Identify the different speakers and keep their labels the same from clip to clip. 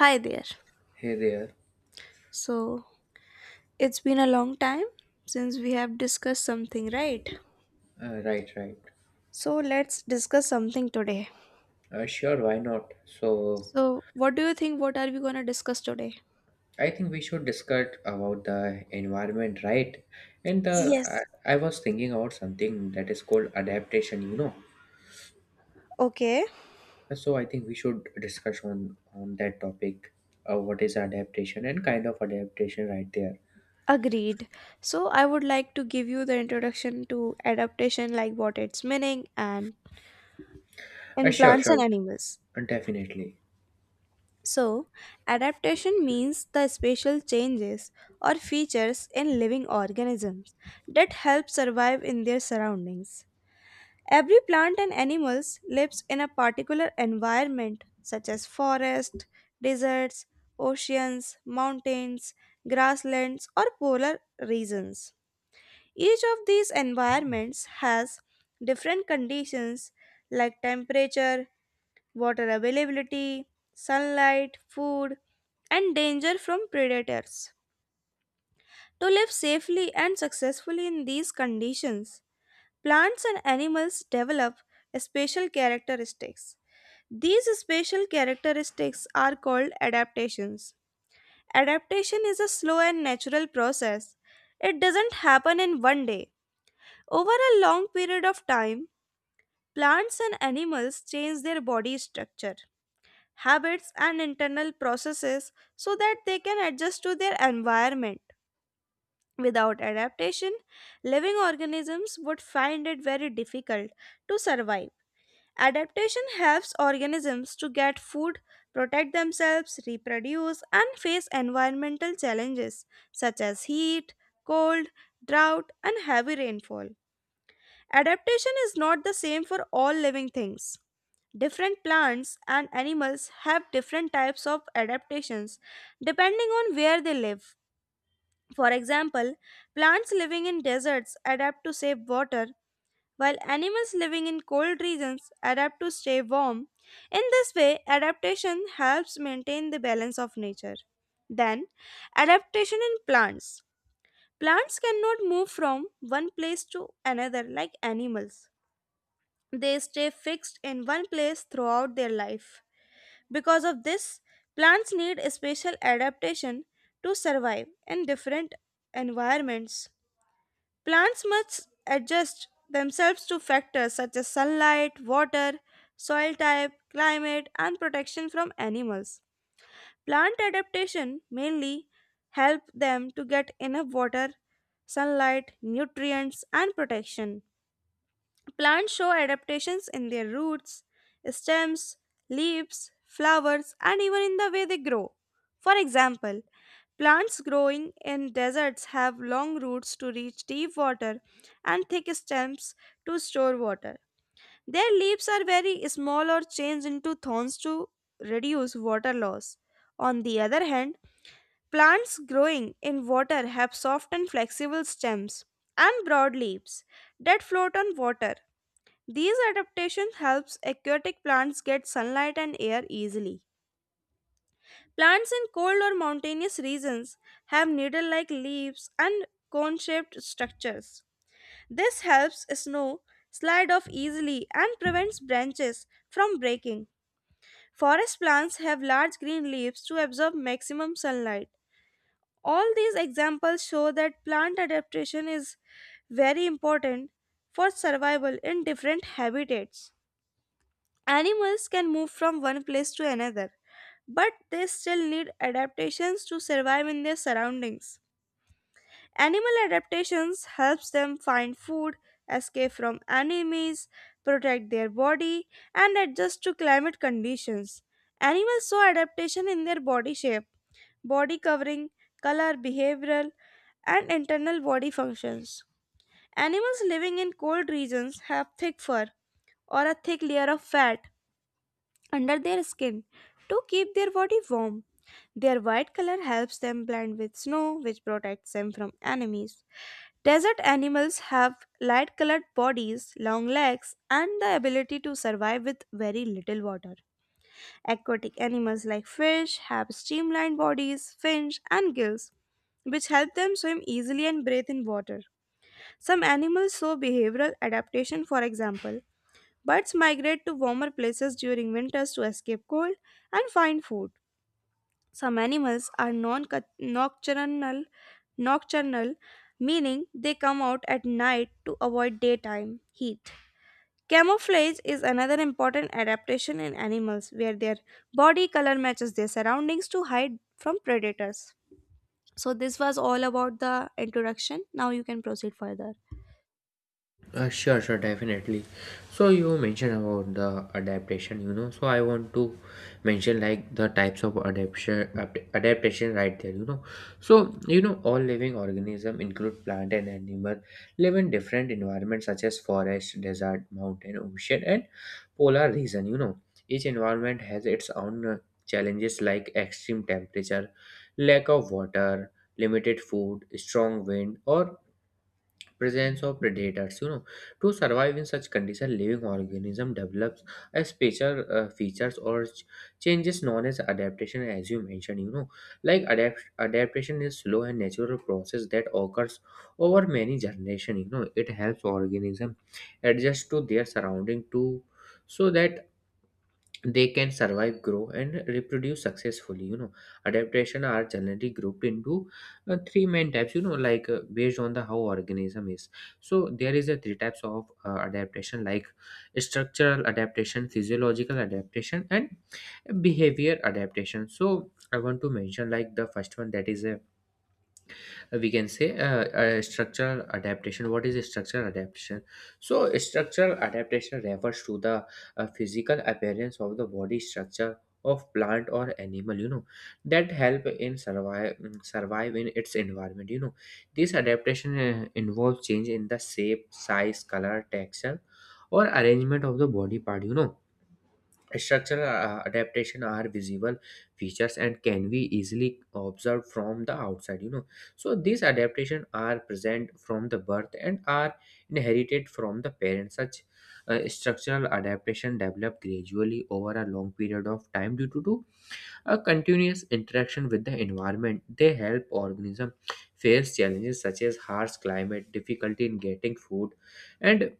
Speaker 1: Hi there.
Speaker 2: Hey there.
Speaker 1: So, it's been a long time since we have discussed something, right?
Speaker 2: Right, right.
Speaker 1: So, let's discuss something today.
Speaker 2: Sure, why not? So,
Speaker 1: So, what do you think? What are we going to discuss today?
Speaker 2: I think we should discuss about the environment, right? And the
Speaker 1: Yes.
Speaker 2: I, I was thinking about something that is called adaptation.
Speaker 1: Okay,
Speaker 2: So I think we should discuss on that topic. What is adaptation and kind of adaptation, right there?
Speaker 1: agreed. So, I would like to give you the introduction to adaptation, like what its meaning and in
Speaker 2: Sure,
Speaker 1: plants and
Speaker 2: sure,
Speaker 1: animals.
Speaker 2: definitely.
Speaker 1: So, adaptation means the spatial changes or features in living organisms that help survive in their surroundings. Every plant and animals lives in a particular environment such as forest, deserts, oceans, mountains, grasslands or polar regions. Each of these environments has different conditions like temperature, water availability, sunlight, food and danger from predators. To live safely and successfully in these conditions, plants and animals develop special characteristics. These special characteristics are called adaptations. Adaptation is a slow and natural process. It doesn't happen in one day. Over a long period of time, plants and animals change their body structure, habits, and internal processes so that they can adjust to their environment. Without adaptation, living organisms would find it very difficult to survive. Adaptation helps organisms to get food, protect themselves, reproduce, and face environmental challenges such as heat, cold, drought, and heavy rainfall. Adaptation is not the same for all living things. Different plants and animals have different types of adaptations depending on where they live. For example, plants living in deserts adapt to save water, while animals living in cold regions adapt to stay warm. In this way, adaptation helps maintain the balance of nature. Then, adaptation in plants. Plants cannot move from one place to another like animals. They stay fixed in one place throughout their life. Because of this, plants need a special adaptation to survive in different environments. Plants must adjust themselves to factors such as sunlight, water, soil type, climate, and protection from animals. Plant adaptation mainly help them to get enough water, sunlight, nutrients, and protection. Plants show adaptations in their roots, stems, leaves, flowers, and even in the way they grow. For example, plants growing in deserts have long roots to reach deep water and thick stems to store water. Their leaves are very small or change into thorns to reduce water loss. On the other hand, plants growing in water have soft and flexible stems and broad leaves that float on water. These adaptations helps aquatic plants get sunlight and air easily. Plants in cold or mountainous regions have needle-like leaves and cone-shaped structures. This helps snow slide off easily and prevents branches from breaking. Forest plants have large green leaves to absorb maximum sunlight. All these examples show that plant adaptation is very important for survival in different habitats. Animals can move from one place to another, but they still need adaptations to survive in their surroundings. Animal adaptations helps them find food, escape from enemies, protect their body, and adjust to climate conditions. Animals show adaptation in their body shape, body covering, color, behavioral, and internal body functions. Animals living in cold regions have thick fur or a thick layer of fat under their skin to keep their body warm. Their white color helps them blend with snow, which protects them from enemies. Desert animals have light colored bodies, long legs, and the ability to survive with very little water. Aquatic animals like fish have streamlined bodies, fins, and gills, which help them swim easily and breathe in water. Some animals show behavioral adaptation. For example, birds migrate to warmer places during winters to escape cold and find food. Some animals are nocturnal, meaning they come out at night to avoid daytime heat. Camouflage is another important adaptation in animals where their body color matches their surroundings to hide from predators. So this was all about the introduction. Now you can proceed further.
Speaker 2: Sure, sure, definitely. So you mentioned about the adaptation. So I want to mention like the types of adaptation, adaptation right there, you know. So you know, all living organism include plant and animal live in different environments such as forest, desert, mountain, ocean, and polar region. You know, each environment has its own challenges like extreme temperature, lack of water, limited food, strong wind, or presence of predators, you know. To survive in such condition, living organism develops a special features or changes known as adaptation, as you mentioned, you know. Like adaptation is slow and natural process that occurs over many generations, you know. It helps organism adjust to their surrounding too, so that they can survive, grow, and reproduce successfully, you know. Adaptation are generally grouped into three main types, you know, like based on the how organism is. So there is a three types of adaptation like structural adaptation, physiological adaptation, and behavior adaptation. So I want to mention like the first one, that is a we can say structural adaptation. What is structural adaptation? So structural adaptation refers to the physical appearance of the body structure of plant or animal, you know, that help in survive, survive in its environment, you know. This adaptation involves change in the shape, size, color, texture, or arrangement of the body part, you know. Structural adaptation are visible features and can be easily observed from the outside, you know. So these adaptations are present from the birth and are inherited from the parents. Such structural adaptation develop gradually over a long period of time due to a continuous interaction with the environment. They help organism face challenges such as harsh climate, difficulty in getting food, and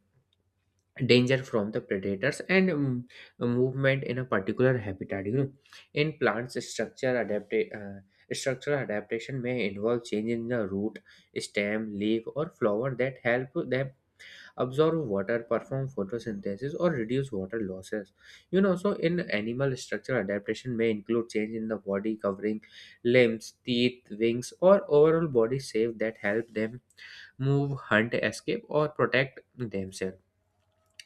Speaker 2: danger from the predators, and movement in a particular habitat, you know. In plants, structural adaptation may involve change in the root, stem, leaf, or flower that help them absorb water, perform photosynthesis, or reduce water losses, you know. So in animal, structural adaptation may include change in the body covering, limbs, teeth, wings, or overall body shape that help them move, hunt, escape, or protect themselves.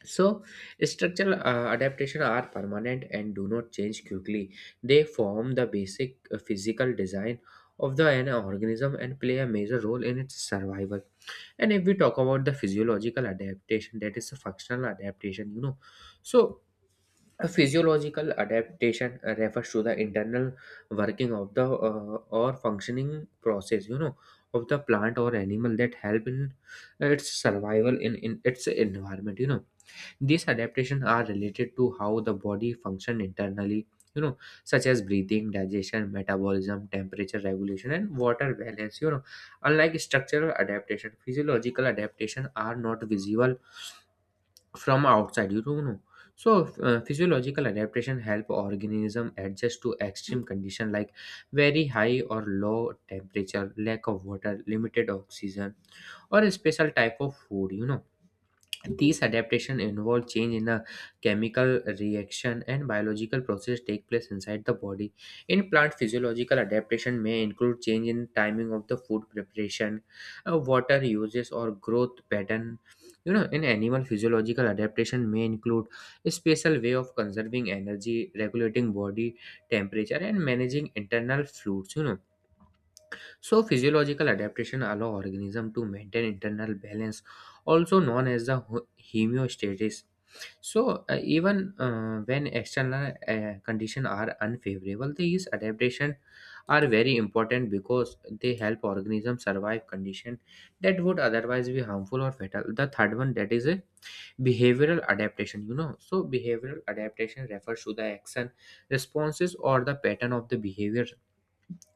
Speaker 2: So, structural adaptation are permanent and do not change quickly. They form the basic physical design of the an organism and play a major role in its survival. And if we talk about the physiological adaptation, that is a functional adaptation, you know. So, a physiological adaptation refers to the internal working of the or functioning process, you know, of the plant or animal that help in its survival in its environment, you know. These adaptations are related to how the body function internally, you know, such as breathing, digestion, metabolism, temperature regulation, and water balance. You know, unlike structural adaptation, physiological adaptation are not visible from outside. You don't know. So, physiological adaptation help organism adjust to extreme condition like very high or low temperature, lack of water, limited oxygen, or a special type of food. You know, these adaptations involve change in a chemical reaction and biological process take place inside the body. In plant, physiological adaptation may include change in timing of the food preparation, water uses or growth pattern. You know, in animal, physiological adaptation may include a special way of conserving energy, regulating body temperature, and managing internal fluids, you know. So, physiological adaptation allow organism to maintain internal balance, also known as the homeostasis. So, even when external conditions are unfavorable, these adaptation are very important because they help organism survive condition that would otherwise be harmful or fatal. The third one, that is a behavioral adaptation. You know, so behavioral adaptation refers to the action, responses, or the pattern of the behavior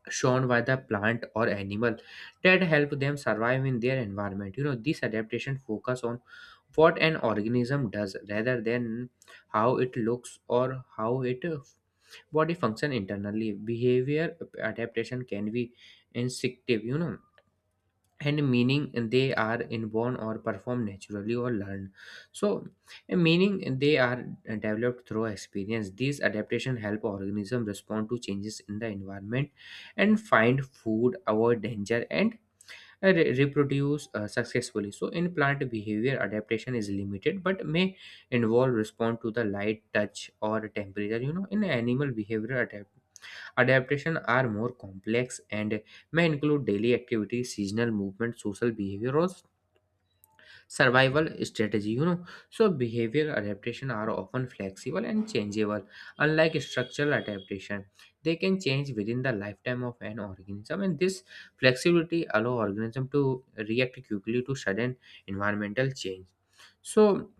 Speaker 2: shown by the plant or animal that help them survive in their environment, you know. This adaptation focus on what an organism does rather than how it looks or how it body function internally. Behavior adaptation can be instinctive, you know, and meaning they are inborn or performed naturally or learned, so a meaning they are developed through experience. These adaptation help organism respond to changes in the environment and find food, avoid danger, and reproduce successfully. So in plant, behavior adaptation is limited but may involve respond to the light, touch, or temperature, you know. In animal, behavior adapt adaptation are more complex and may include daily activities, seasonal movement, social behavior, or survival strategy. You know, so behavioral adaptation are often flexible and changeable. Unlike structural adaptation, they can change within the lifetime of an organism, and this flexibility allow organism to react quickly to sudden environmental change. So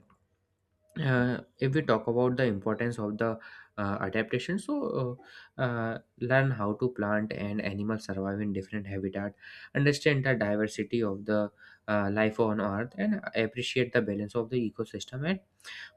Speaker 2: if we talk about the importance of the adaptation, so learn how to plant and animals survive in different habitat, understand the diversity of the life on earth and appreciate the balance of the ecosystem, and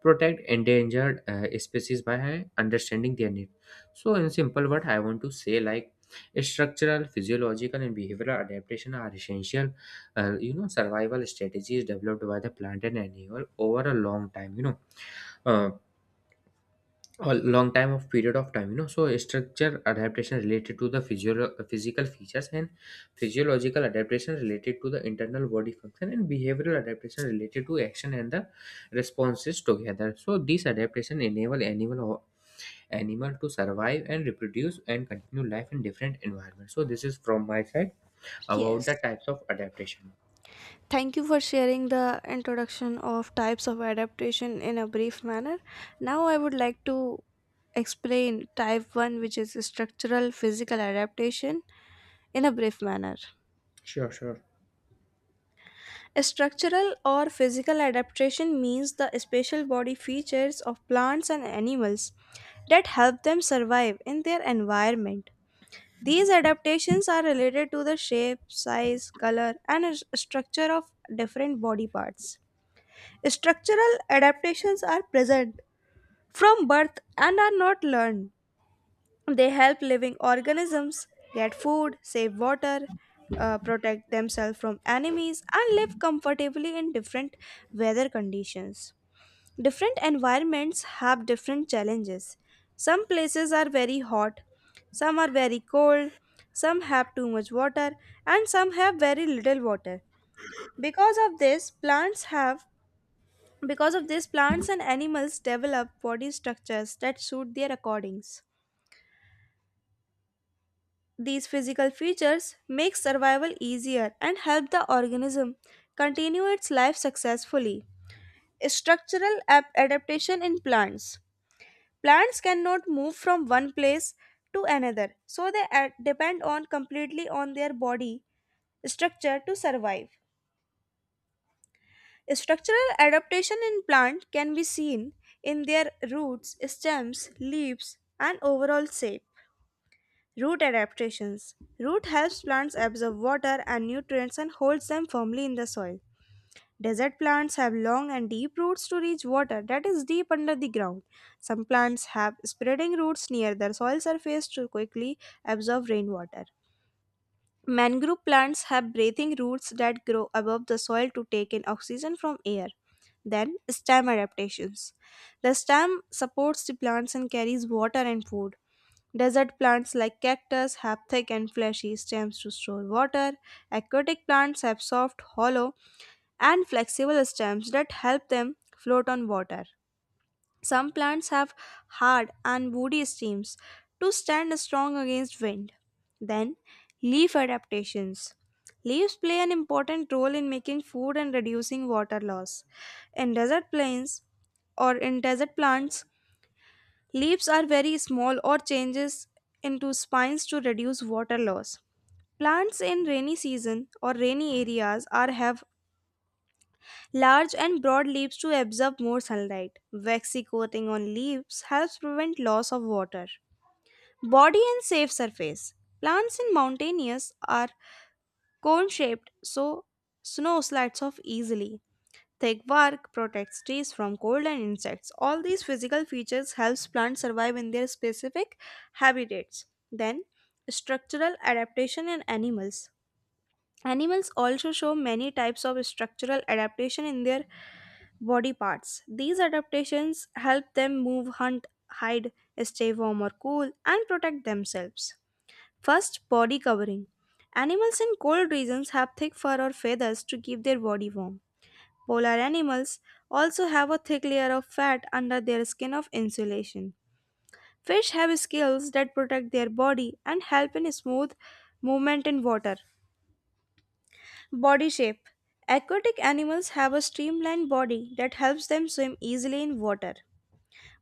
Speaker 2: protect endangered species by understanding their needs. So in simple word, I want to say like structural, physiological, and behavioral adaptation are essential you know, survival strategies developed by the plant and animal over a long time, you know, uh, a long time of period of time, you know. So structure adaptation related to the physical features, and physiological adaptation related to the internal body function, and behavioral adaptation related to action and the responses together. So these adaptation enable animal to survive and reproduce and continue life in different environments. So this is from my side about
Speaker 1: Yes.
Speaker 2: the types of adaptation.
Speaker 1: Thank you for sharing the introduction of types of adaptation in a brief manner. Now, I would like to explain type 1, which is structural physical adaptation, in a brief manner.
Speaker 2: Sure, sure.
Speaker 1: Structural or physical adaptation means the special body features of plants and animals that help them survive in their environment. These adaptations are related to the shape, size, color, and structure of different body parts. Structural adaptations are present from birth and are not learned. They help living organisms get food, save water, protect themselves from enemies, and live comfortably in different weather conditions. Different environments have different challenges. Some places are very hot, some are very cold, some have too much water, and some have very little water. Because of this, plants have because of this, plants and animals develop body structures that suit their accordings. These physical features make survival easier and help the organism continue its life successfully. Structural adaptation in plants. Plants cannot move from one place to another, so they depend on completely on their body structure to survive. Structural adaptation in plant can be seen in their roots, stems, leaves, and overall shape. Root adaptations. Root helps plants absorb water and nutrients and holds them firmly in the soil. Desert plants have long and deep roots to reach water that is deep under the ground. Some plants have spreading roots near the soil surface to quickly absorb rainwater. Mangrove plants have breathing roots that grow above the soil to take in oxygen from air. Then, stem adaptations. The stem supports the plants and carries water and food. Desert plants like cactus have thick and fleshy stems to store water. Aquatic plants have soft, hollow, and flexible stems that help them float on water. Some plants have hard and woody stems to stand strong against wind. Then, leaf adaptations. Leaves play an important role in making food and reducing water loss. In desert plains or in desert plants, leaves are very small or changes into spines to reduce water loss. Plants in rainy season or rainy areas are have large and broad leaves to absorb more sunlight. Waxy coating on leaves helps prevent loss of water. Body and safe surface. Plants in mountainous are cone shaped so snow slides off easily. Thick bark protects trees from cold and insects. All these physical features helps plants survive in their specific habitats. Then, structural adaptation in animals. Animals also show many types of structural adaptation in their body parts. These adaptations help them move, hunt, hide, stay warm or cool, and protect themselves. First, body covering. Animals in cold regions have thick fur or feathers to keep their body warm. Polar animals also have a thick layer of fat under their skin of insulation. Fish have scales that protect their body and help in smooth movement in water. Body shape. Aquatic animals have a streamlined body that helps them swim easily in water.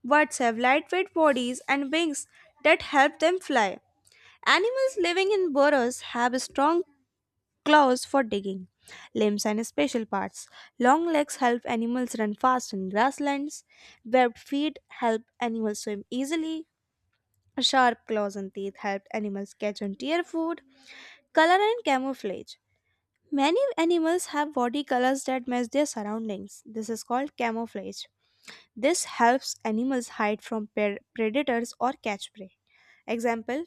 Speaker 1: Birds have lightweight bodies and wings that help them fly. Animals living in burrows have strong claws for digging, limbs, and special parts. Long legs help animals run fast in grasslands. Webbed feet help animals swim easily. Sharp claws and teeth help animals catch and tear food. Color and camouflage. Many animals have body colors that match their surroundings. This is called camouflage. This helps animals hide from predators or catch prey. Example: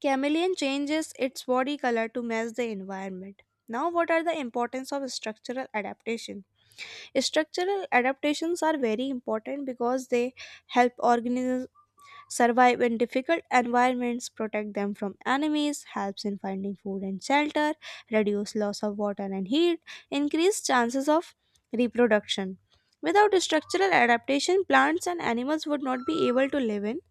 Speaker 1: chameleon changes its body color to match the environment. Now, what are the importance of structural adaptation? Structural adaptations are very important because they help organisms survive in difficult environments, protect them from enemies, helps in finding food and shelter, reduce loss of water and heat, increase chances of reproduction. Without structural adaptation, plants and animals would not be able to live in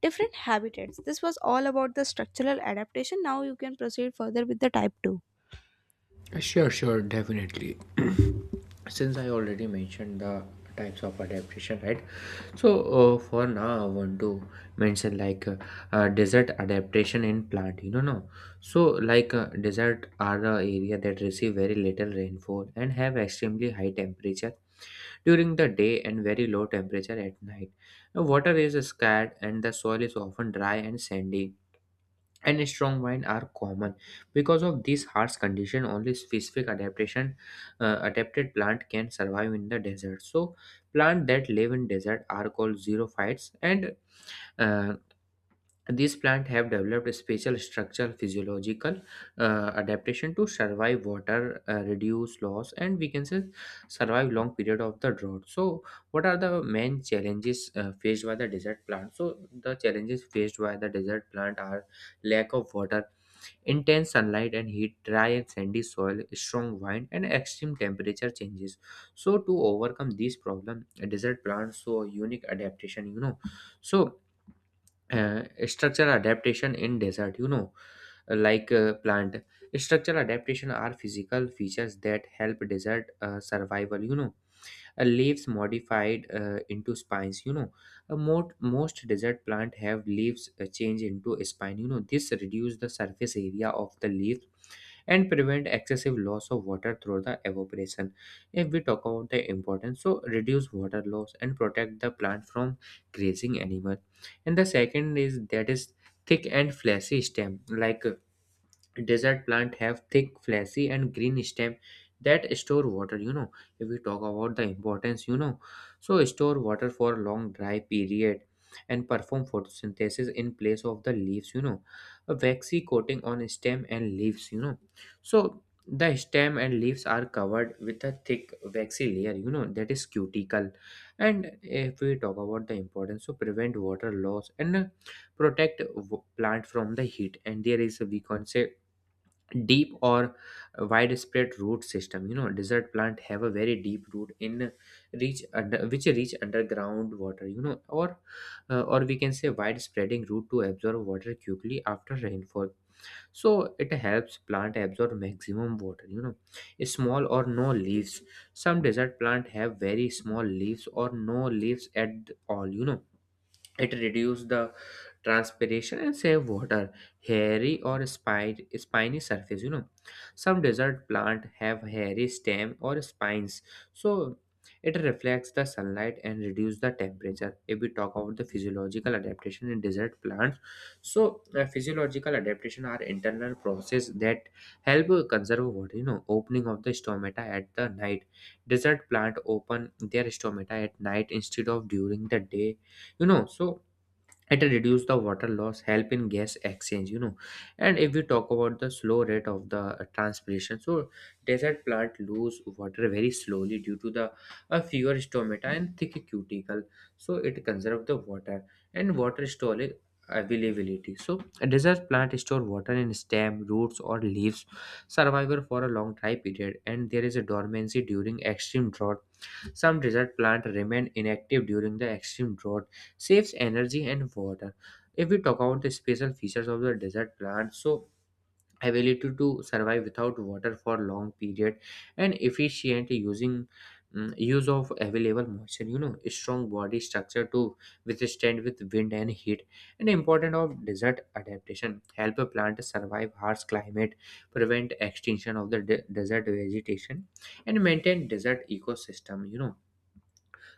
Speaker 1: different habitats. This was all about the structural adaptation. Now you can proceed further with the type 2.
Speaker 2: Sure, sure, definitely. Since I already mentioned the types of adaptation, right? So for now, I want to mention like desert adaptation in plant. You know, no. So like desert are the area that receive very little rainfall and have extremely high temperature during the day and very low temperature at night. Water is scarce and the soil is often dry and sandy, and strong wine are common. Because of this harsh condition, only specific adaptation adapted plant can survive in the desert. So plant that live in desert are called xerophytes, and uh, these plants have developed a special structural, physiological adaptation to survive water reduce loss, and we can say survive long period of the drought. So what are the main challenges faced by the desert plant? So the challenges faced by the desert plant are lack of water, intense sunlight and heat, dry and sandy soil, strong wind, and extreme temperature changes. So, to overcome these problem, desert plants show unique adaptation, you know. So, structural adaptation in desert, you know, like plant. Structural adaptation are physical features that help desert survival, you know. Leaves modified into spines, you know. Most desert plant have leaves change into a spine, you know. This reduce the surface area of the leaf and prevent excessive loss of water through the evaporation. If we talk about the importance, so reduce water loss and protect the plant from grazing animal. And the second is that is thick and fleshy stem, like desert plant have thick, fleshy, and green stem that store water, you know. If we talk about the importance, you know, so store water for long dry period and perform photosynthesis in place of the leaves, you know. A waxy coating on stem and leaves, you know. So the stem and leaves are covered with a thick waxy layer, you know, that is cuticle. And if we talk about the importance, so prevent water loss and protect plant from the heat. And there is, we can say, deep or widespread root system, you know. Desert plant have a very deep root in reach under, which reach underground water, you know, or we can say widespreading root to absorb water quickly after rainfall. So it helps plant absorb maximum water, you know. Small or no leaves. Some desert plant have very small leaves or no leaves at all, you know. It reduces the transpiration and save water. Hairy or spine, spiny surface, you know. Some desert plant have hairy stem or spines, so it reflects the sunlight and reduce the temperature. If we talk about the physiological adaptation in desert plants, so physiological adaptation are internal process that help conserve water. You know, opening of the stomata at the night. Desert plant open their stomata at night instead of during the day. You know, so it reduce the water loss help in gas exchange, you know. And if we talk about the slow rate of the transpiration, so desert plant lose water very slowly due to the fewer stomata and thick cuticle, so it conserve the water and water storage availability. So a desert plant store water in stem, roots, or leaves, survival for a long time period. And there is a dormancy during extreme drought. Some desert plant remain inactive during the extreme drought, saves energy and water. If we talk about the special features of the desert plant, so ability to survive without water for long period and efficient using use of available moisture, you know, strong body structure to withstand with wind and heat. And important of desert adaptation help a plant survive harsh climate, prevent extinction of the desert vegetation, and maintain desert ecosystem, you know.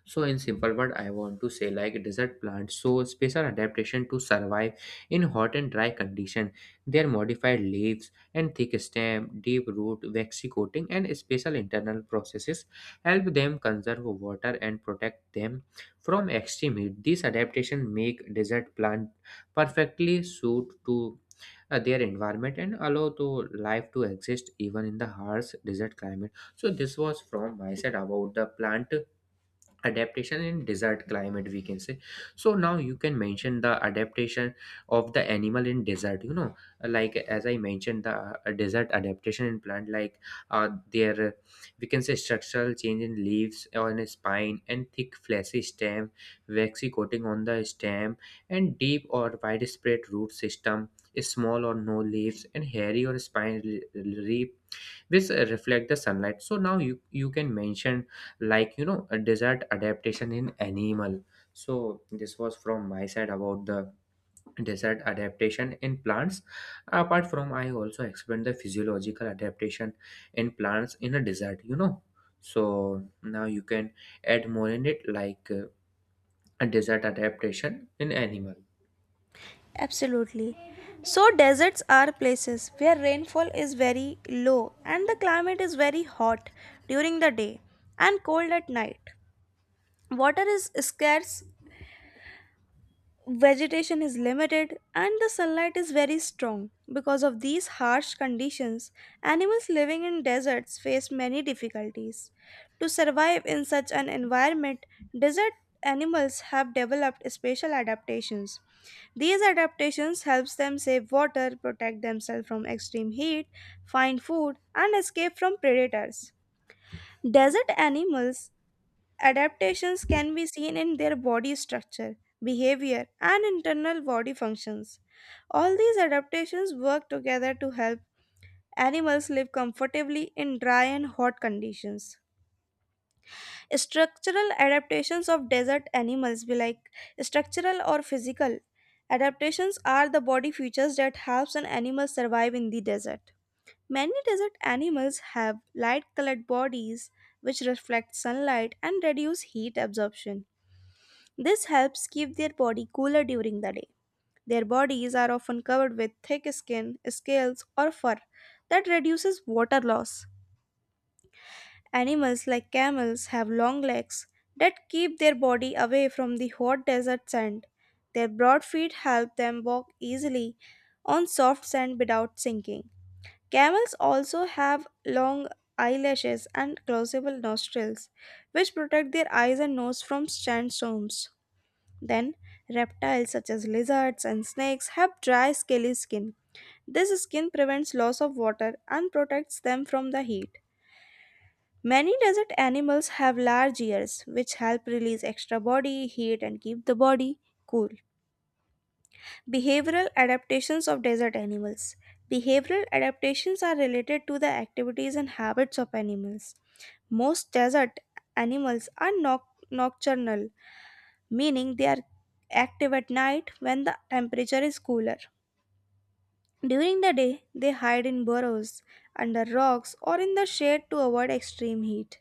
Speaker 2: So in simple word, I want to say like desert plants show special adaptation to survive in hot and dry condition. Their modified leaves and thick stem, deep root, waxy coating, and special internal processes help them conserve water and protect them from extreme heat. These adaptation make desert plant perfectly suit to their environment and allow to life to exist even in the harsh desert climate. So this was from my side about the plant adaptation in desert climate, we can say. So now you can mention the adaptation of the animal in desert, you know. Like as I mentioned the desert adaptation in plant, like their we can say structural change in leaves on a spine and thick fleshy stem, waxy coating on the stem, and deep or widespread root system, small or no leaves, and hairy or spine leaf which reflect the sunlight. So now you can mention like, you know, a desert adaptation in animal. So this was from my side about the desert adaptation in plants. Apart from, I also explained the physiological adaptation in plants in a desert, you know. So now you can add more in it, like a desert adaptation in animal.
Speaker 1: Absolutely. So, deserts are places where rainfall is very low and the climate is very hot during the day and cold at night. Water is scarce, vegetation is limited and the sunlight is very strong. Because of these harsh conditions, animals living in deserts face many difficulties. To survive in such an environment, desert animals have developed special adaptations. These adaptations helps them save water, protect themselves from extreme heat, find food and escape from predators. Desert animals adaptations can be seen in their body structure, behavior, and internal body functions. All these adaptations work together to help animals live comfortably in dry and hot conditions. Structural adaptations of desert animals be like structural or physical. Adaptations are the body features that helps an animal survive in the desert. Many desert animals have light colored bodies which reflect sunlight and reduce heat absorption. This helps keep their body cooler during the day. Their bodies are often covered with thick skin, scales, or fur that reduces water loss. Animals like camels have long legs that keep their body away from the hot desert sand. Their broad feet help them walk easily on soft sand without sinking. Camels also have long eyelashes and closable nostrils, which protect their eyes and nose from sandstorms. Then, reptiles such as lizards and snakes have dry, scaly skin. This skin prevents loss of water and protects them from the heat. Many desert animals have large ears, which help release extra body heat and keep the body cool. Behavioral adaptations of desert animals. Behavioral adaptations are related to the activities and habits of animals. Most desert animals are nocturnal, meaning they are active at night when the temperature is cooler. During the day, they hide in burrows, under rocks, or in the shade to avoid extreme heat.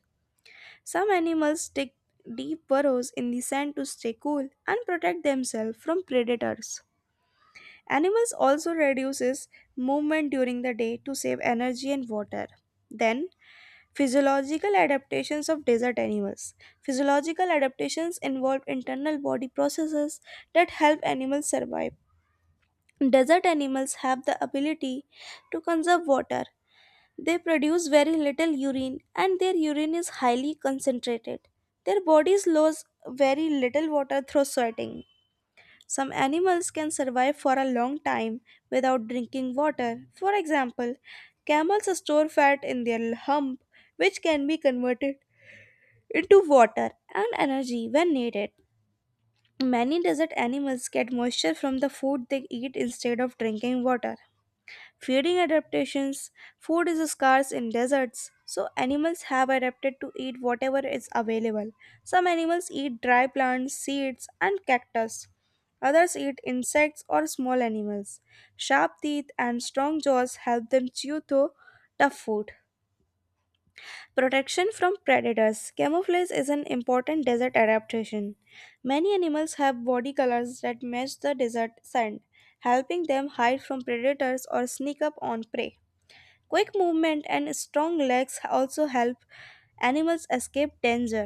Speaker 1: Some animals dig deep burrows in the sand to stay cool and protect themselves from predators. Animals also reduces movement during the day to save energy and water. Then, physiological adaptations of desert animals. Physiological adaptations involve internal body processes that help animals survive. Desert animals have the ability to conserve water. They produce very little urine and their urine is highly concentrated. Their bodies lose very little water through sweating. Some animals can survive for a long time without drinking water. For example, camels store fat in their hump, which can be converted into water and energy when needed. Many desert animals get moisture from the food they eat instead of drinking water. Feeding adaptations. Food is scarce in deserts, so animals have adapted to eat whatever is available. Some animals eat dry plants, seeds, and cactus. Others eat insects or small animals. Sharp teeth and strong jaws help them chew through tough food. Protection from predators. Camouflage is an important desert adaptation. Many animals have body colors that match the desert sand, helping them hide from predators or sneak up on prey. Quick movement and strong legs also help animals escape danger.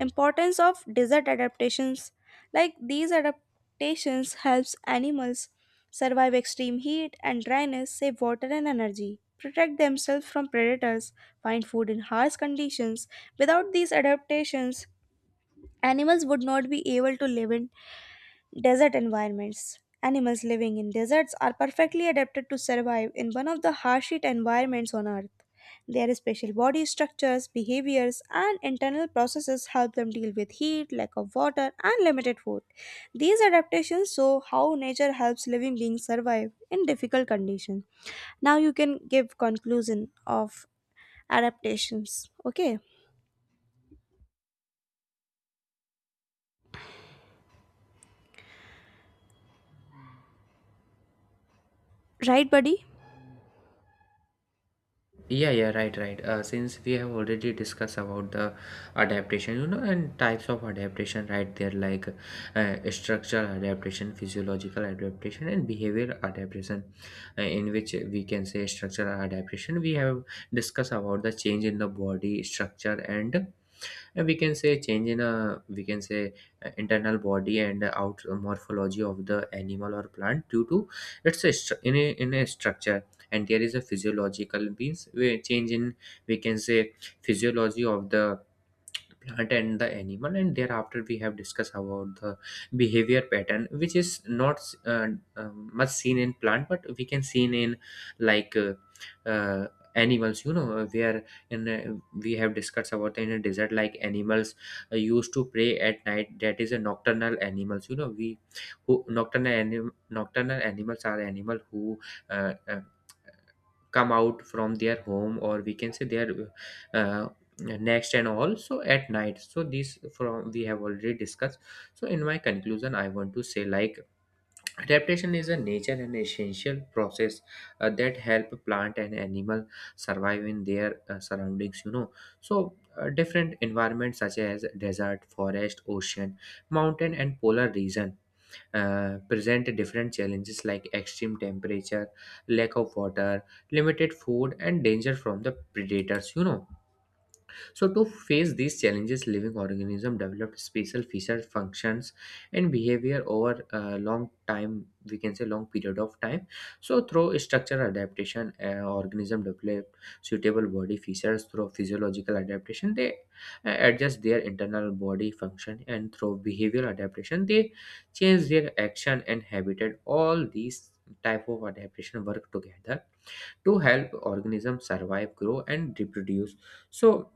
Speaker 1: Importance of desert adaptations: like these adaptations helps animals survive extreme heat and dryness, save water and energy, protect themselves from predators, find food in harsh conditions. Without these adaptations, animals would not be able to live in desert environments. Animals living in deserts are perfectly adapted to survive in one of the harshest environments on Earth. Their special body structures, behaviors, and internal processes help them deal with heat, lack of water, and limited food. These adaptations show how nature helps living beings survive in difficult conditions. Now you can give conclusion of adaptations. Okay, right, buddy?
Speaker 2: Yeah, yeah, right, right. Since we have already discussed about the adaptation, you know, and types of adaptation, right? There like structural adaptation, physiological adaptation, and behavior adaptation. In which we can say structural adaptation, we have discussed about the change in the body structure and, we can say, change in a, we can say, internal body and out morphology of the animal or plant due to its in a structure. And there is a physiological means we change in, we can say, physiology of the plant and the animal. And thereafter we have discussed about the behavior pattern which is not uh, much seen in plant, but we can seen in like uh, animals, you know. Where in, we have discussed about in a desert like animals used to prey at night, that is a nocturnal animals, you know. We who nocturnal nocturnal animals are animal who uh, uh, come out from their home or we can say their uh, next and all so at night. So these from we have already discussed. So in my conclusion I want to say like adaptation is a nature and essential process that help plant and animal survive in their surroundings, you know. So, different environments such as desert, forest, ocean, mountain, and polar region present different challenges like extreme temperature, lack of water, limited food, and danger from the predators, you know. So to face these challenges, living organisms developed special feature, functions, and behavior over a long time. We can say long period of time. So through structural adaptation, organism develop suitable body features. Through physiological adaptation, they adjust their internal body function. And through behavioral adaptation, they change their action and habitat. All these type of adaptation work together to help organisms survive, grow, and reproduce. So,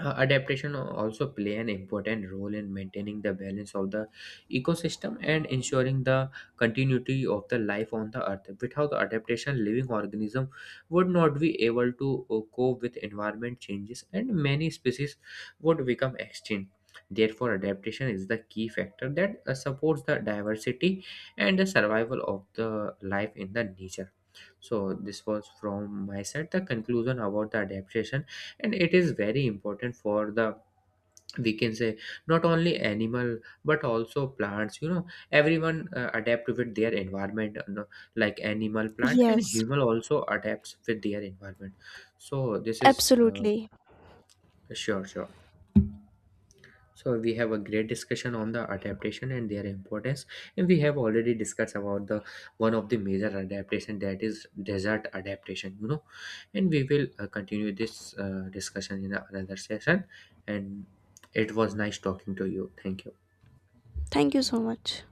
Speaker 2: adaptation also play an important role in maintaining the balance of the ecosystem and ensuring the continuity of the life on the earth. Without adaptation, living organism would not be able to cope with environment changes, and many species would become extinct. Therefore adaptation is the key factor that supports the diversity and the survival of the life in the nature. So this was from my side the conclusion about the adaptation. And it is very important for the, we can say, not only animal but also plants, you know. Everyone adapt with their environment, you know, like animal, plant, and
Speaker 1: Yes,
Speaker 2: human also adapts with their environment. So this is
Speaker 1: absolutely.
Speaker 2: sure, sure. So we have a great discussion on the adaptation and their importance, and we have already discussed about the one of the major adaptation, that is desert adaptation, you know. And we will continue this discussion in another session. And it was nice talking to you. Thank you.
Speaker 1: Thank you so much.